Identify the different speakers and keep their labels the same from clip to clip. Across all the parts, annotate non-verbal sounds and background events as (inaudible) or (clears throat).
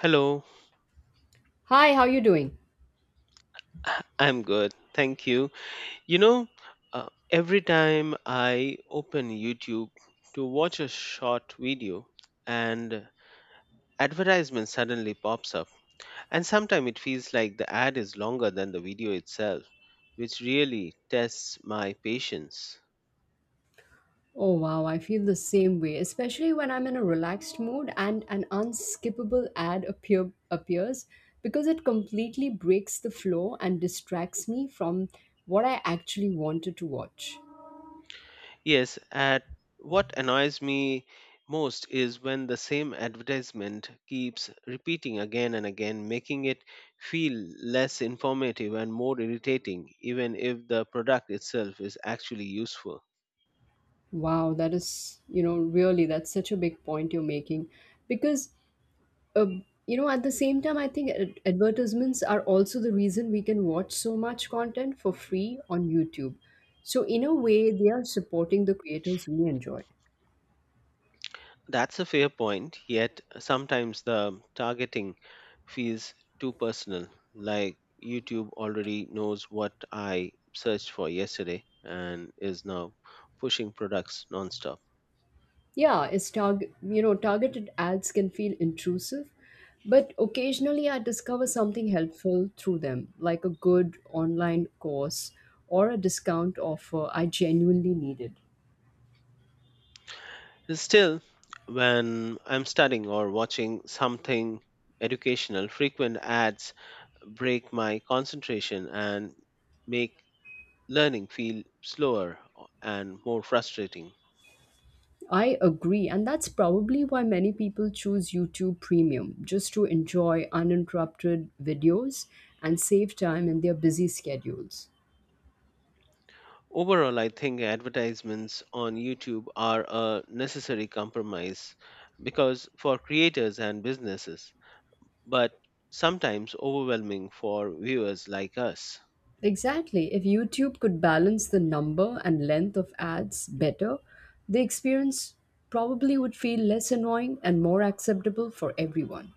Speaker 1: Hello,
Speaker 2: Hi, how you doing?
Speaker 1: (laughs) I'm good. Thank you. You know, every time I open YouTube to watch a short video, and advertisement suddenly pops up, and sometimes it feels like the ad is longer than the video itself, which really tests my patience.
Speaker 2: Oh wow, I feel the same way, especially when I'm in a relaxed mood and an unskippable ad appears because it completely breaks the flow and distracts me from what I actually wanted to watch.
Speaker 1: Yes, at what annoys me most is when the same advertisement keeps repeating again and again, making it feel less informative and more irritating, even if the product itself is actually useful.
Speaker 2: Wow, that is, really, that's such a big point you're making. Because, uh, at the same time, I think advertisements are also the reason we can watch so much content for free on YouTube. So, in a way, they are supporting the creators we enjoy.
Speaker 1: That's a fair point, yet sometimes the targeting feels too personal, like YouTube already knows what I searched for yesterday and is now pushing products nonstop.
Speaker 2: Yeah, it's target, you know, targeted ads can feel intrusive, but occasionally I discover something helpful through them, like a good online course or a discount offer I genuinely needed.
Speaker 1: Still, when I'm studying or watching something educational, frequent ads break my concentration and make learning feel slower and more frustrating.
Speaker 2: I agree, and that's probably why many people choose YouTube Premium, just to enjoy uninterrupted videos and save time in their busy schedules.
Speaker 1: Overall, I think advertisements on YouTube are a necessary compromise because for creators and businesses, but sometimes overwhelming for viewers like us.
Speaker 2: Exactly. If YouTube could balance the number and length of ads better, the experience probably would feel less annoying and more acceptable for everyone.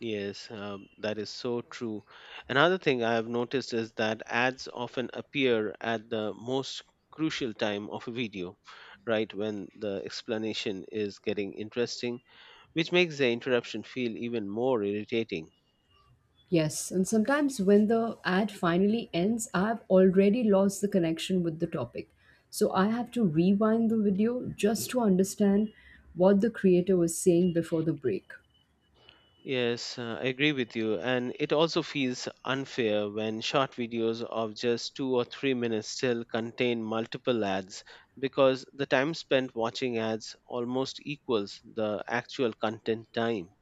Speaker 1: Yes, that is so true. Another thing I have noticed is that ads often appear at the most crucial time of a video, right when the explanation is getting interesting, which makes the interruption feel even more irritating.
Speaker 2: Yes, and sometimes when the ad finally ends, I've already lost the connection with the topic. So I have to rewind the video just to understand what the creator was saying before the break.
Speaker 1: Yes, I agree with you. And it also feels unfair when short videos of just 2 or 3 minutes still contain multiple ads because the time spent watching ads almost equals the actual content time.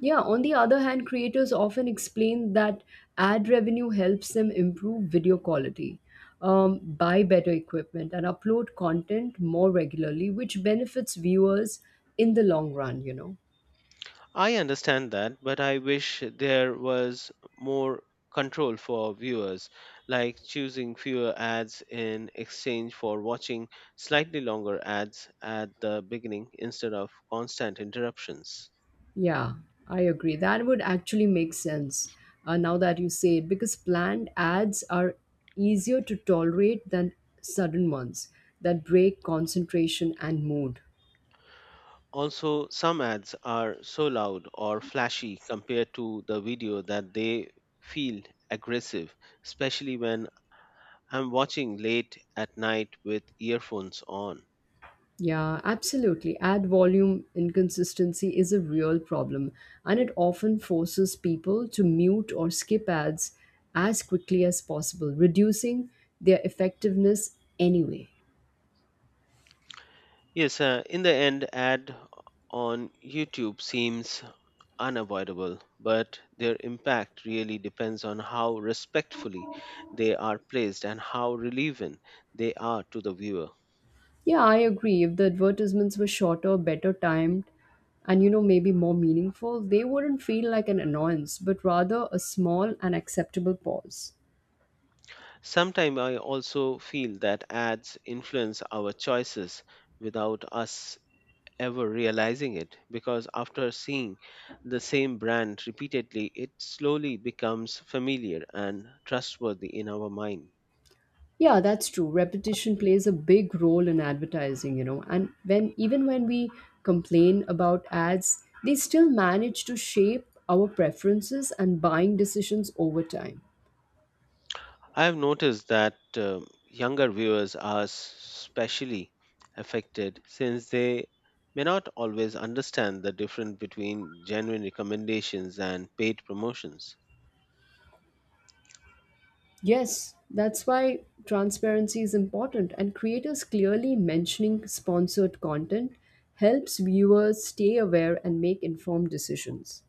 Speaker 2: Yeah, on the other hand, creators often explain that ad revenue helps them improve video quality, buy better equipment, and upload content more regularly, which benefits viewers in the long run.
Speaker 1: I understand that, but I wish there was more control for viewers, like choosing fewer ads in exchange for watching slightly longer ads at the beginning instead of constant interruptions.
Speaker 2: Yeah, I agree. That would actually make sense now that you say it because planned ads are easier to tolerate than sudden ones that break concentration and mood.
Speaker 1: Also, some ads are so loud or flashy compared to the video that they feel aggressive, especially when I'm watching late at night with earphones on.
Speaker 2: Yeah, absolutely. Ad volume inconsistency is a real problem, and it often forces people to mute or skip ads as quickly as possible, reducing their effectiveness anyway.
Speaker 1: Yes, in the end, ad on YouTube seems unavoidable, but their impact really depends on how respectfully they are placed and how relevant they are to the viewer.
Speaker 2: Yeah, I agree. If the advertisements were shorter, better timed, and maybe more meaningful, they wouldn't feel like an annoyance, but rather a small and acceptable pause.
Speaker 1: Sometimes I also feel that ads influence our choices without us ever realizing it because after seeing the same brand repeatedly, it slowly becomes familiar and trustworthy in our mind.
Speaker 2: Yeah, that's true. Repetition plays a big role in advertising. And when even when we complain about ads, they still manage to shape our preferences and buying decisions over time.
Speaker 1: I have noticed that younger viewers are especially affected since they may not always understand the difference between genuine recommendations and paid promotions.
Speaker 2: Yes, that's why transparency is important and creators clearly mentioning sponsored content helps viewers stay aware and make informed decisions.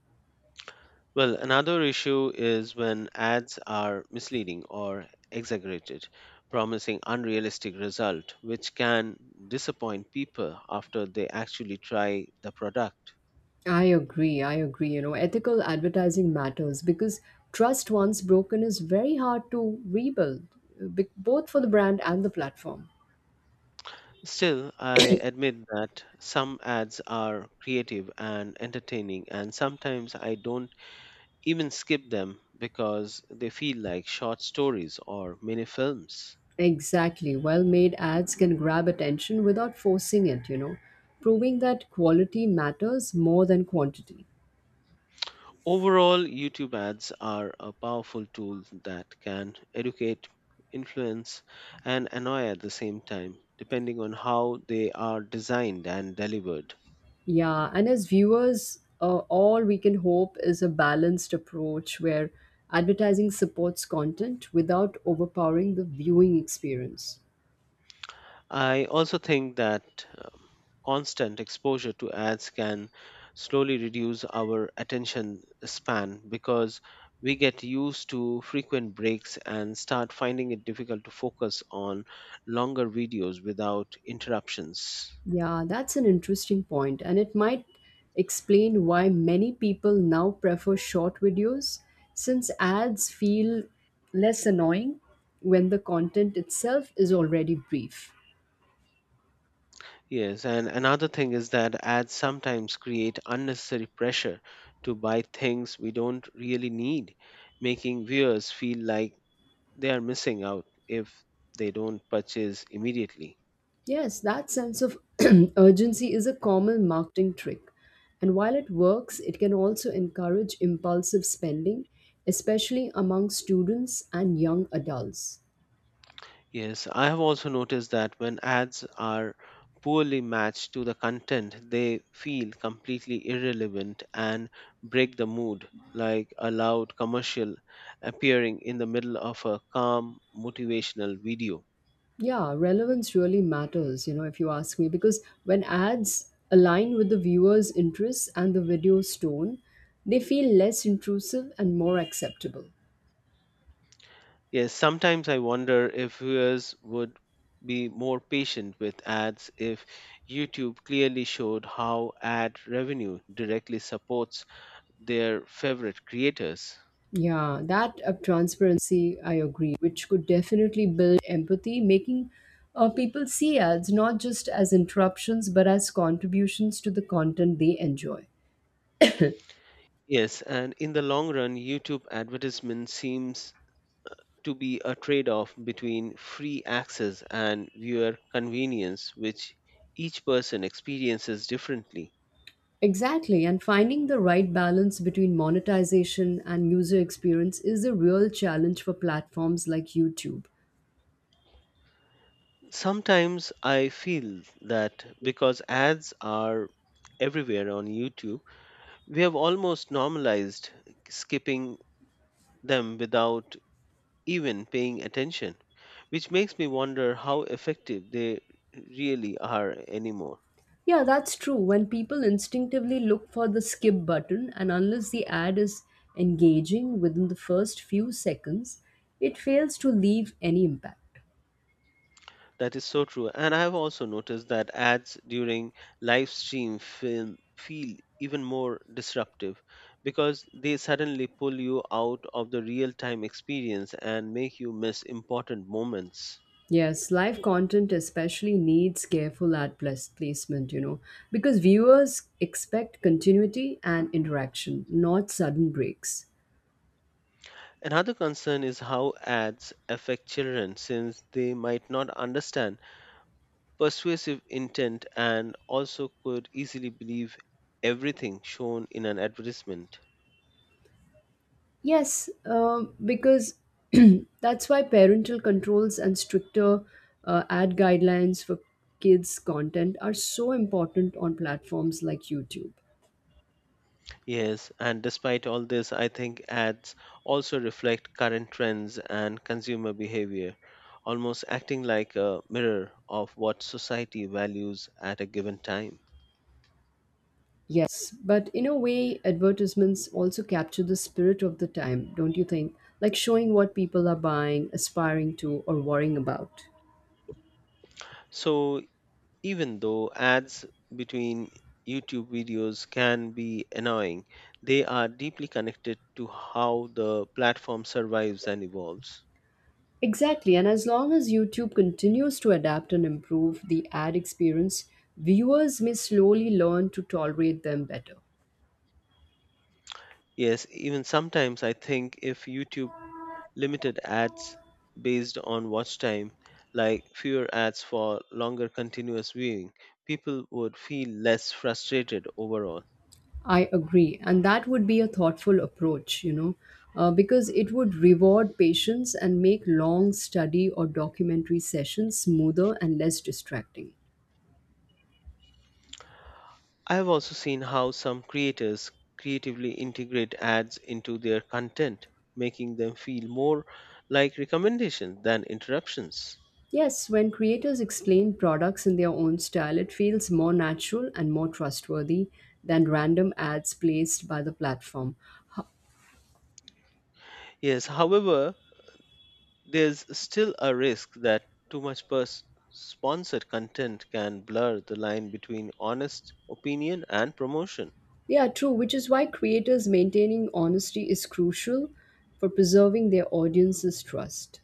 Speaker 1: Well, another issue is when ads are misleading or exaggerated, promising unrealistic result which can disappoint people after they actually try the product.
Speaker 2: I agree. I agree. Ethical advertising matters because trust once broken is very hard to rebuild, both for the brand and the platform.
Speaker 1: Still, I admit that some ads are creative and entertaining and sometimes I don't even skip them because they feel like short stories or mini films.
Speaker 2: Exactly. Well made ads can grab attention without forcing it, proving that quality matters more than quantity.
Speaker 1: Overall, YouTube ads are a powerful tool that can educate, influence, and annoy at the same time, depending on how they are designed and delivered.
Speaker 2: Yeah, and as viewers, all we can hope is a balanced approach where advertising supports content without overpowering the viewing experience.
Speaker 1: I also think that constant exposure to ads can slowly reduce our attention span because we get used to frequent breaks and start finding it difficult to focus on longer videos without interruptions.
Speaker 2: Yeah, that's an interesting point, and it might explain why many people now prefer short videos since ads feel less annoying when the content itself is already brief.
Speaker 1: Yes, and another thing is that ads sometimes create unnecessary pressure to buy things we don't really need, making viewers feel like they are missing out if they don't purchase immediately.
Speaker 2: Yes, that sense of (clears throat) urgency is a common marketing trick, and while it works, it can also encourage impulsive spending, especially among students and young adults.
Speaker 1: Yes, I have also noticed that when ads are poorly matched to the content, they feel completely irrelevant and break the mood, like a loud commercial appearing in the middle of a calm motivational video.
Speaker 2: Yeah, relevance really matters, if you ask me, because when ads align with the viewer's interests and the video's tone, they feel less intrusive and more acceptable.
Speaker 1: Yes, sometimes I wonder if viewers would be more patient with ads if YouTube clearly showed how ad revenue directly supports their favorite creators.
Speaker 2: Yeah, that transparency, I agree, which could definitely build empathy, making people see ads not just as interruptions, but as contributions to the content they enjoy.
Speaker 1: Yes, and in the long run, YouTube advertisement seems to be a trade off between free access and viewer convenience, which each person experiences differently.
Speaker 2: Exactly, and finding the right balance between monetization and user experience is a real challenge for platforms like YouTube.
Speaker 1: Sometimes I feel that because ads are everywhere on YouTube, we have almost normalized skipping them without even paying attention, which makes me wonder how effective they really are anymore.
Speaker 2: Yeah, that's true. When people instinctively look for the skip button, and unless the ad is engaging within the first few seconds, it fails to leave any impact.
Speaker 1: That is so true. And I have also noticed that ads during live stream film feel even more disruptive because they suddenly pull you out of the real time experience and make you miss important moments.
Speaker 2: Yes, live content especially needs careful placement, because viewers expect continuity and interaction, not sudden breaks.
Speaker 1: Another concern is how ads affect children since they might not understand persuasive intent and also could easily believe everything shown in an advertisement.
Speaker 2: Yes, because (clears throat) that's why parental controls and stricter ad guidelines for kids' content are so important on platforms like YouTube.
Speaker 1: Yes, and despite all this, I think ads also reflect current trends and consumer behavior, almost acting like a mirror of what society values at a given time.
Speaker 2: Yes, but in a way, advertisements also capture the spirit of the time, don't you think? Like showing what people are buying, aspiring to, or worrying about.
Speaker 1: So, even though ads between YouTube videos can be annoying, they are deeply connected to how the platform survives and evolves.
Speaker 2: Exactly, and as long as YouTube continues to adapt and improve the ad experience, viewers may slowly learn to tolerate them better.
Speaker 1: Yes, even sometimes I think if YouTube limited ads based on watch time, like fewer ads for longer continuous viewing, people would feel less frustrated overall.
Speaker 2: I agree. And that would be a thoughtful approach, because it would reward patience and make long study or documentary sessions smoother and less distracting.
Speaker 1: I have also seen how some creators creatively integrate ads into their content, making them feel more like recommendations than interruptions.
Speaker 2: Yes, when creators explain products in their own style, it feels more natural and more trustworthy than random ads placed by the platform. H-
Speaker 1: Yes, however, there's still a risk that too much sponsored content can blur the line between honest opinion and promotion.
Speaker 2: Yeah, true, which is why creators maintaining honesty is crucial for preserving their audience's trust.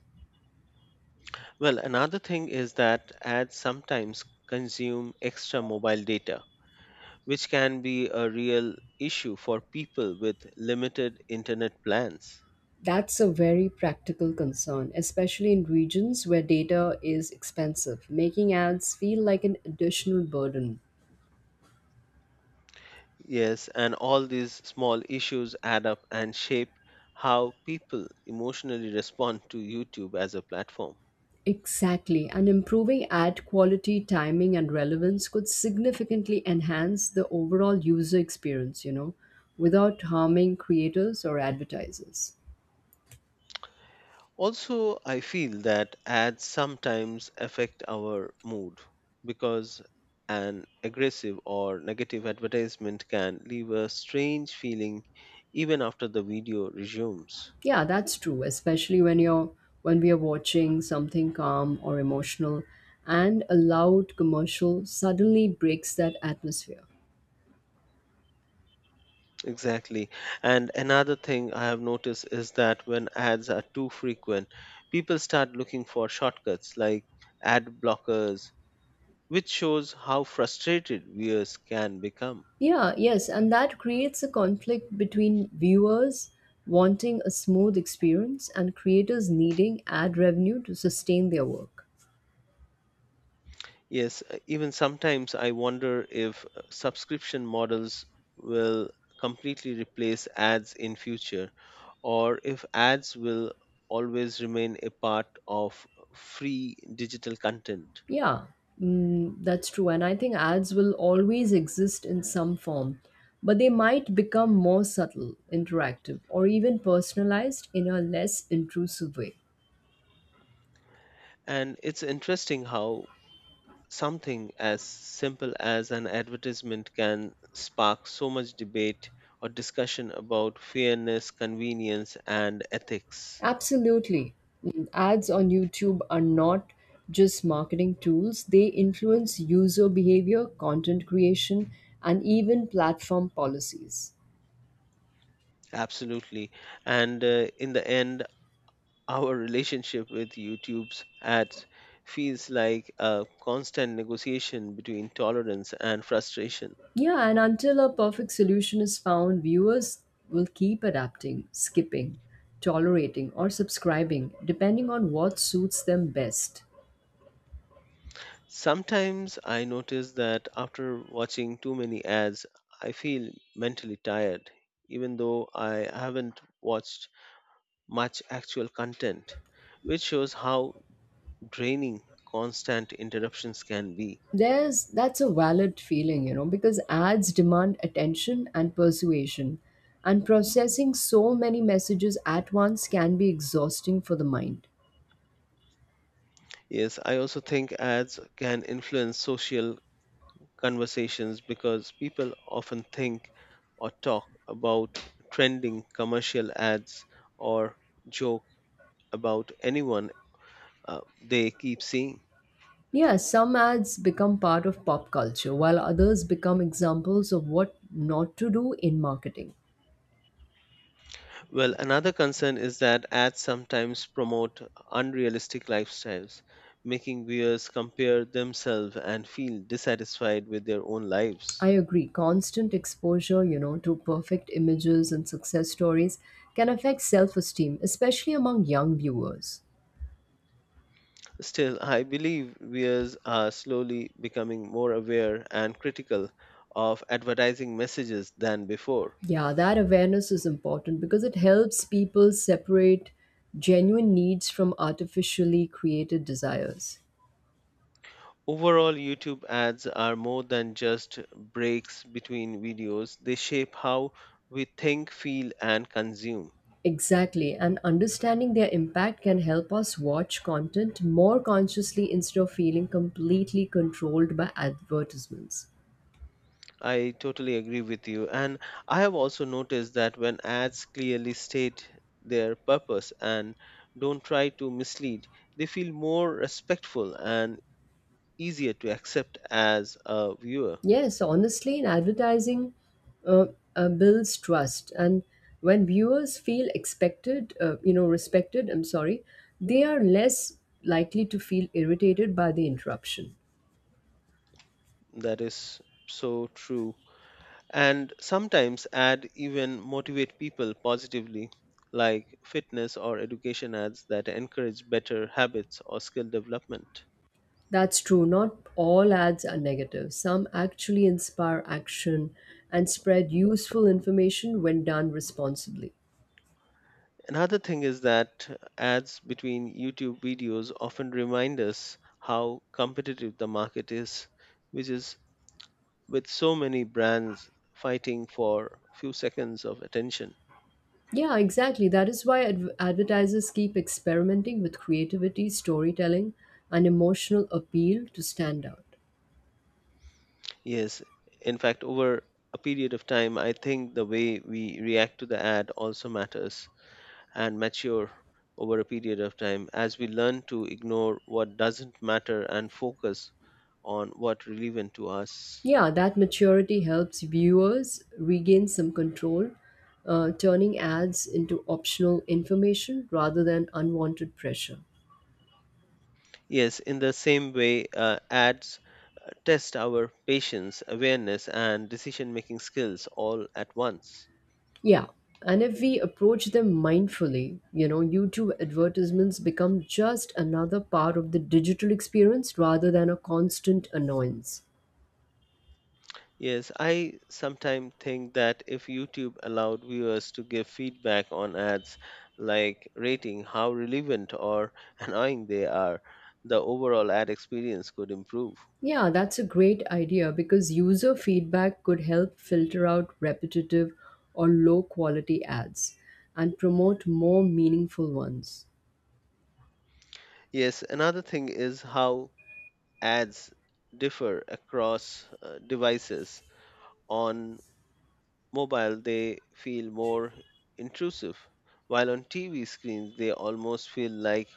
Speaker 1: Well, another thing is that ads sometimes consume extra mobile data, which can be a real issue for people with limited internet plans.
Speaker 2: That's a very practical concern, especially in regions where data is expensive, making ads feel like an additional burden.
Speaker 1: Yes, and all these small issues add up and shape how people emotionally respond to YouTube as a platform.
Speaker 2: Exactly, and improving ad quality, timing, and relevance could significantly enhance the overall user experience, without harming creators or advertisers.
Speaker 1: Also, I feel that ads sometimes affect our mood because an aggressive or negative advertisement can leave a strange feeling even after the video resumes.
Speaker 2: Yeah, that's true, especially when you're when we are watching something calm or emotional and a loud commercial suddenly breaks that atmosphere.
Speaker 1: Exactly. And another thing I have noticed is that when ads are too frequent, people start looking for shortcuts like ad blockers, which shows how frustrated viewers can become.
Speaker 2: Yeah, yes, and that creates a conflict between viewers wanting a smooth experience and creators needing ad revenue to sustain their work.
Speaker 1: Yes, even sometimes I wonder if subscription models will completely replace ads in future or if ads will always remain a part of free digital content.
Speaker 2: Yeah, that's true. And I think ads will always exist in some form, but they might become more subtle, interactive, or even personalized in a less intrusive way.
Speaker 1: And it's interesting how something as simple as an advertisement can spark so much debate or discussion about fairness, convenience, and ethics.
Speaker 2: Absolutely. Ads on YouTube are not just marketing tools, they influence user behavior, content creation, and even platform policies.
Speaker 1: Absolutely. And in the end, our relationship with YouTube's ads feels like a constant negotiation between tolerance and frustration.
Speaker 2: Yeah, and until a perfect solution is found, viewers will keep adapting, skipping, tolerating, or subscribing, depending on what suits them best.
Speaker 1: Sometimes I notice that after watching too many ads, I feel mentally tired, even though I haven't watched much actual content, which shows how draining constant interruptions can be.
Speaker 2: There's That's a valid feeling because ads demand attention and persuasion and processing so many messages at once can be exhausting for the mind.
Speaker 1: Yes, I also think ads can influence social conversations because people often think or talk about trending commercial ads or joke about anyone they keep seeing.
Speaker 2: Yeah, some ads become part of pop culture while others become examples of what not to do in marketing.
Speaker 1: Well, another concern is that ads sometimes promote unrealistic lifestyles, making viewers compare themselves and feel dissatisfied with their own
Speaker 2: I
Speaker 1: lives.
Speaker 2: agree, constant exposure to perfect images and success stories can affect self-esteem, especially among young viewers.
Speaker 1: Still, I believe viewers are slowly becoming more aware and critical of advertising messages than before.
Speaker 2: Yeah, that awareness is important because it helps people separate genuine needs from artificially created desires.
Speaker 1: Overall, YouTube ads are more than just breaks between videos, they shape how we think, feel, and consume.
Speaker 2: Exactly, and understanding their impact can help us watch content more consciously instead of feeling completely controlled by advertisements.
Speaker 1: I totally agree with you. And I have also noticed that when ads clearly state their purpose and don't try to mislead, they feel more respectful and easier to accept as a viewer.
Speaker 2: Yes, honestly, in advertising, uh, builds trust, and when viewers feel respected. I'm sorry, they are less likely to feel irritated by the interruption.
Speaker 1: That is so true and sometimes ad even motivate people positively like fitness or education ads that encourage better habits or skill development.
Speaker 2: That's true. Not all ads are negative. Some actually inspire action and spread useful information when done responsibly.
Speaker 1: Another thing is that ads between YouTube videos often remind us how competitive the market is which is with so many brands fighting for few seconds of attention.
Speaker 2: Yeah, exactly. That is why advertisers keep experimenting with creativity, storytelling, and emotional appeal to stand out.
Speaker 1: Yes, in fact over a period of time I think the way we react to the ad also matters and mature over a period of time as we learn to ignore what doesn't matter and focus on what relevant to us.
Speaker 2: Yeah, that maturity helps viewers regain some control, turning ads into optional information rather than unwanted pressure.
Speaker 1: Yes, in the same way, ads test our patience, awareness, and decision making skills all at once.
Speaker 2: Yeah. And if we approach them mindfully, YouTube advertisements become just another part of the digital experience rather than a constant annoyance.
Speaker 1: Yes, I sometimes think that if YouTube allowed viewers to give feedback on ads, like rating how relevant or (laughs) annoying they are, the overall ad experience could improve.
Speaker 2: Yeah, that's a great idea because user feedback could help filter out repetitive or low quality ads and promote more meaningful ones.
Speaker 1: Yes, another thing is how ads differ across devices. On mobile, they feel more intrusive, while on TV screens, they almost feel like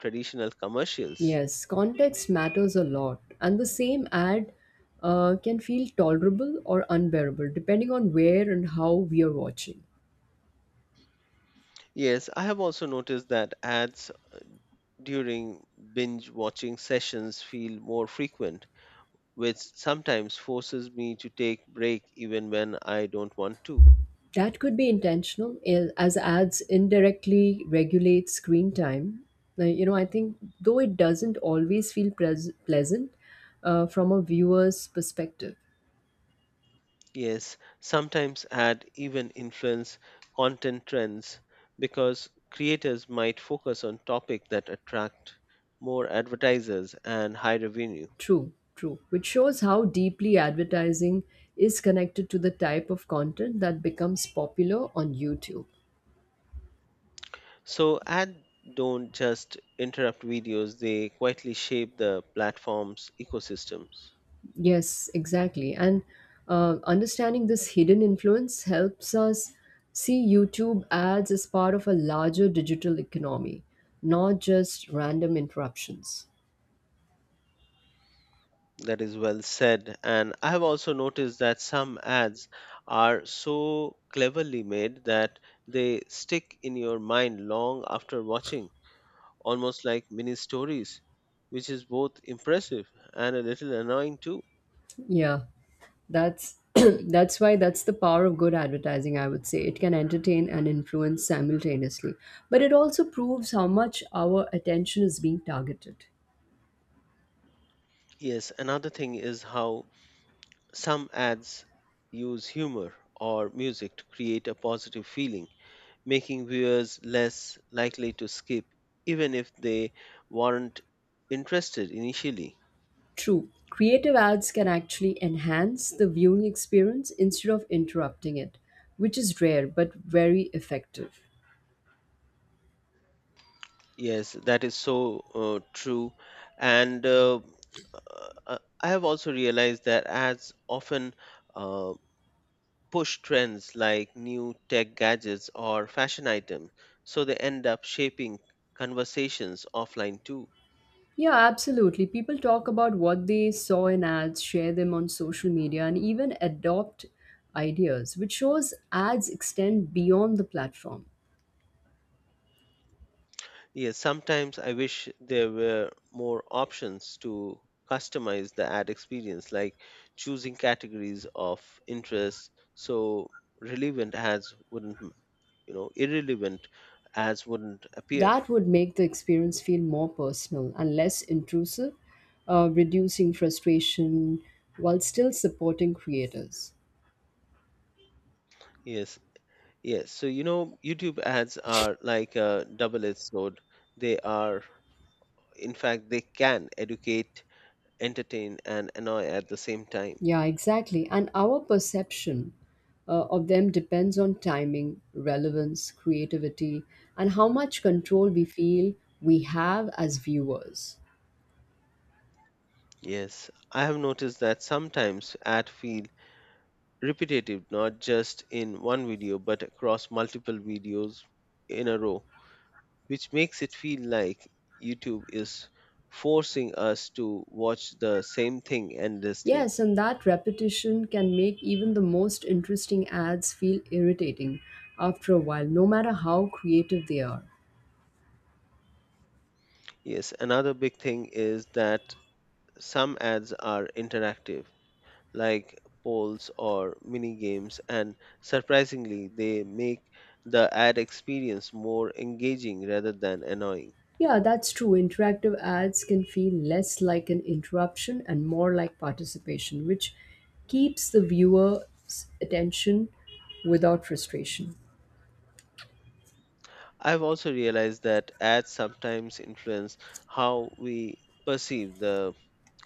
Speaker 1: traditional commercials.
Speaker 2: Yes, context matters a lot, and the same ad can feel tolerable or unbearable depending on where and how we are watching.
Speaker 1: Yes, I have also noticed that ads during binge watching sessions feel more frequent, which sometimes forces me to take break even when I don't want to.
Speaker 2: That could be intentional, as ads indirectly regulate screen time. Now, I think though it doesn't always feel pleasant from a viewer's perspective.
Speaker 1: Yes, sometimes ad even influence content trends because creators might focus on topics that attract more advertisers and high revenue.
Speaker 2: True. Which shows how deeply advertising is connected to the type of content that becomes popular on YouTube.
Speaker 1: So ad don't just interrupt videos, they quietly shape the platform's ecosystems.
Speaker 2: Yes, exactly. And understanding this hidden influence helps us see YouTube ads as part of a larger digital economy, not just random interruptions.
Speaker 1: That is well said. And I have also noticed that some ads are so cleverly made that they stick in your mind long after watching almost like mini stories, which is both impressive and a little annoying too.
Speaker 2: Yeah, that's (clears throat) that's the power of good advertising, I would say. It can entertain and influence simultaneously, but it also proves how much our attention is being targeted.
Speaker 1: Yes, another thing is how some ads use humor or music to create a positive feeling, making viewers less likely to skip, even if they weren't interested initially.
Speaker 2: True, creative ads can actually enhance the viewing experience instead of interrupting it, which is rare but very effective.
Speaker 1: Yes, that is so true. And I have also realized that ads often uh, push trends like new tech gadgets or fashion items, so they end up shaping conversations offline too.
Speaker 2: Yeah, absolutely. People talk about what they saw in ads, share them on social media, and even adopt ideas, which shows ads extend beyond the platform.
Speaker 1: Yes, sometimes I wish there were more options to customize the ad experience, like choosing categories of interest so relevant ads wouldn't, irrelevant ads wouldn't appear.
Speaker 2: That would make the experience feel more personal and less intrusive, reducing frustration while still supporting creators.
Speaker 1: Yes, yes. So, YouTube ads are like a double edged sword. They are In fact, they can educate, entertain, and annoy at the same time.
Speaker 2: Yeah, exactly. And our perception of them depends on timing, relevance, creativity, and how much control we feel we have as viewers.
Speaker 1: Yes, I have noticed that sometimes ads feel repetitive not just in one video but across multiple videos in a row, which makes it feel like YouTube is forcing us to watch the same thing endlessly.
Speaker 2: Yes, and that repetition can make even the most interesting ads feel irritating after a while, no matter how creative they are.
Speaker 1: Yes, another big thing is that some ads are interactive like polls or mini games, and surprisingly, they make the ad experience more engaging rather than annoying.
Speaker 2: Yeah, that's true. Interactive ads can feel less like an interruption and more like participation, which keeps the viewer's attention without frustration.
Speaker 1: I've also realized that ads sometimes influence how we perceive the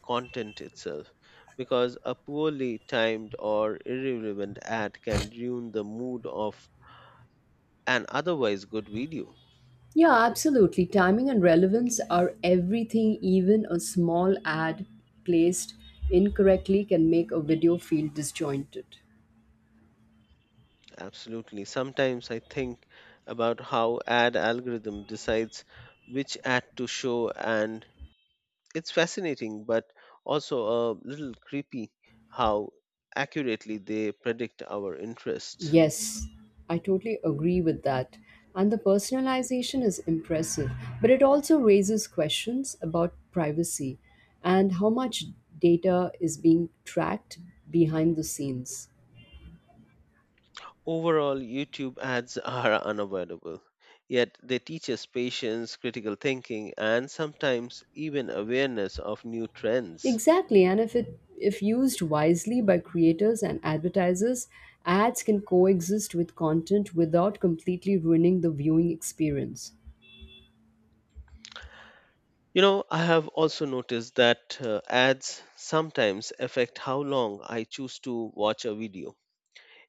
Speaker 1: content itself because a poorly timed or irrelevant ad can ruin the mood of an otherwise good video.
Speaker 2: Yeah, absolutely. Timing and relevance are everything. Even a small ad placed incorrectly can make a video feel disjointed.
Speaker 1: Absolutely. Sometimes I think about how ad algorithm decides which ad to show and it's fascinating but also a little creepy how accurately they predict our interests.
Speaker 2: Yes, I totally agree with that. And the personalization is impressive, but it also raises questions about privacy and how much data is being tracked behind the scenes.
Speaker 1: Overall, YouTube ads (laughs) are unavoidable, yet they teach us patience, critical thinking, and sometimes even awareness of new trends.
Speaker 2: Exactly, and if used wisely by creators and advertisers, ads can coexist with content without completely ruining the viewing experience.
Speaker 1: I have also noticed that ads sometimes affect how long I choose to watch a video.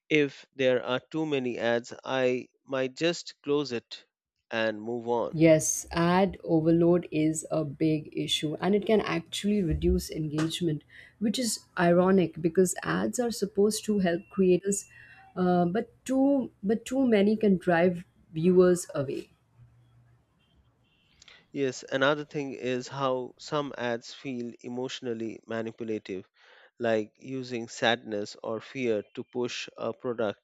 Speaker 1: If there are too many ads, I might just close it and move on.
Speaker 2: Yes, ad overload is a big issue and it can actually reduce engagement, which is ironic because ads are supposed to help creators, but too many can drive viewers away.
Speaker 1: Yes, another thing is how some ads feel emotionally manipulative, like using sadness or fear to push a product,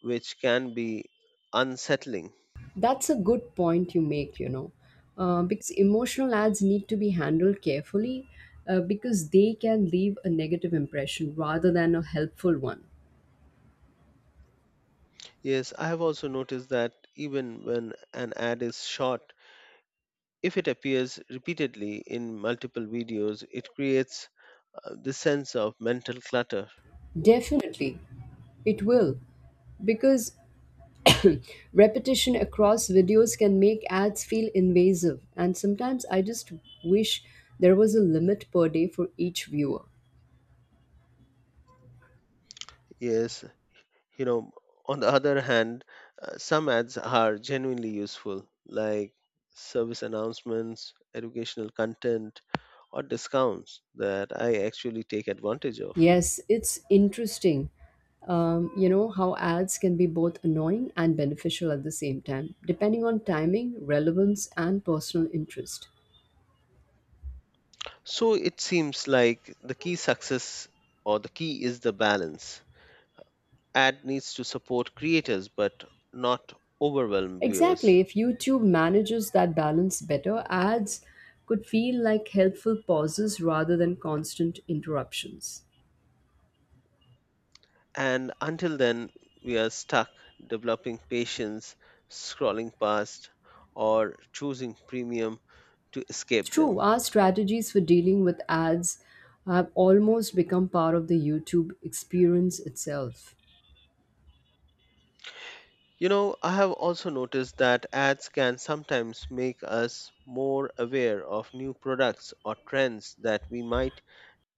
Speaker 1: which can be unsettling.
Speaker 2: That's a good point you make, because emotional ads need to be handled carefully because they can leave a negative impression rather than a helpful one.
Speaker 1: Yes, I have also noticed that even when an ad is short if it appears repeatedly in multiple videos, it creates this sense of mental clutter.
Speaker 2: Definitely, it will because (coughs) (clears throat) repetition across videos can make ads feel invasive, and sometimes I just wish there was a limit per day for each viewer.
Speaker 1: Yes, you know, on the other hand, some ads are genuinely useful, like service announcements, educational content, or discounts that I actually take advantage of.
Speaker 2: Yes, it's interesting. You know how ads can be both annoying and beneficial at the same time, depending on timing, relevance, and personal interest.
Speaker 1: So it seems like the key success or the key is the balance. Ad needs to support creators but not overwhelm viewers.
Speaker 2: Exactly, if YouTube manages that balance better, ads could feel like helpful pauses rather than constant interruptions.
Speaker 1: And until then, we are stuck developing patience, scrolling past, or choosing premium to escape
Speaker 2: True,
Speaker 1: them.
Speaker 2: our strategies for dealing with ads have almost become part of the YouTube experience itself.
Speaker 1: I have also noticed that ads can sometimes make us more aware of new products or trends that we might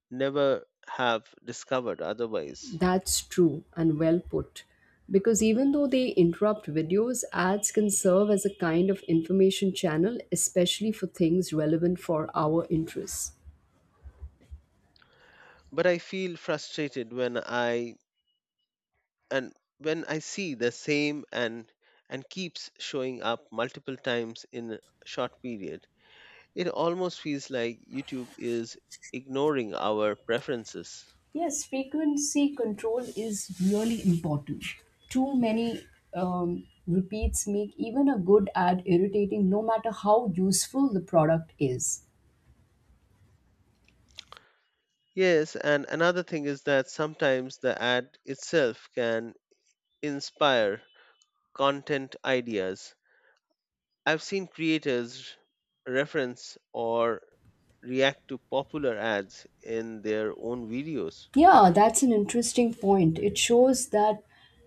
Speaker 1: never have discovered otherwise.
Speaker 2: That's true and well put. Because even though they interrupt videos, ads can serve as a kind of information channel, especially for things relevant for our interests.
Speaker 1: But I feel frustrated when and I see the same and keeps showing up multiple times in a short period it almost feels like YouTube is ignoring our preferences.
Speaker 2: Yes, frequency control is really important. Too many repeats make even a good ad irritating, no matter how useful the product is.
Speaker 1: Yes, and another thing is that sometimes the ad itself can inspire content ideas. I've seen creators reference or react to popular ads in their own videos.
Speaker 2: Yeah, that's an interesting point. It shows that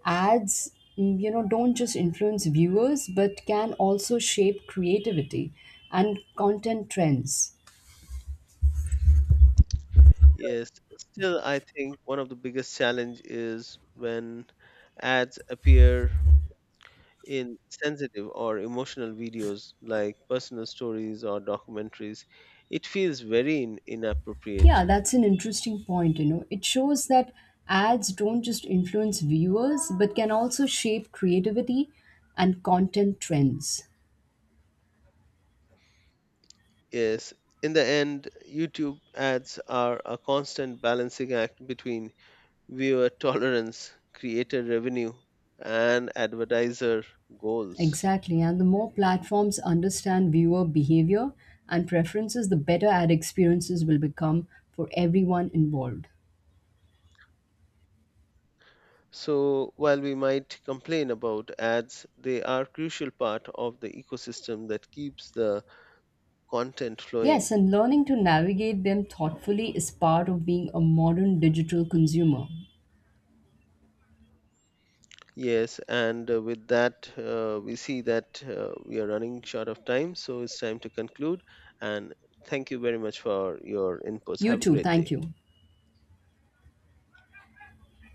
Speaker 2: ads, don't just influence viewers, but can also shape creativity and content trends.
Speaker 1: Yes, still, I think one of the biggest challenge is when ads appear in sensitive or emotional videos like personal stories or documentaries, it feels very
Speaker 2: Yeah,
Speaker 1: inappropriate.
Speaker 2: that's an interesting point. It shows that ads don't just influence viewers, but can also shape creativity and content trends.
Speaker 1: Yes, in the end, YouTube ads are a constant balancing act between viewer (laughs) tolerance, creator revenue, and advertiser goals.
Speaker 2: Exactly. And the more platforms understand viewer behavior and preferences, the better ad experiences will become for everyone involved.
Speaker 1: So, while we might complain about ads, they are crucial part of the ecosystem that keeps the content
Speaker 2: Yes,
Speaker 1: flowing.
Speaker 2: and learning to navigate them thoughtfully is part of being a modern digital consumer.
Speaker 1: Yes, and with that, we see that we are running short of time, so it's time to conclude. And thank you very much for your inputs.
Speaker 2: You
Speaker 1: Have a
Speaker 2: too,
Speaker 1: great
Speaker 2: thank
Speaker 1: day.
Speaker 2: you.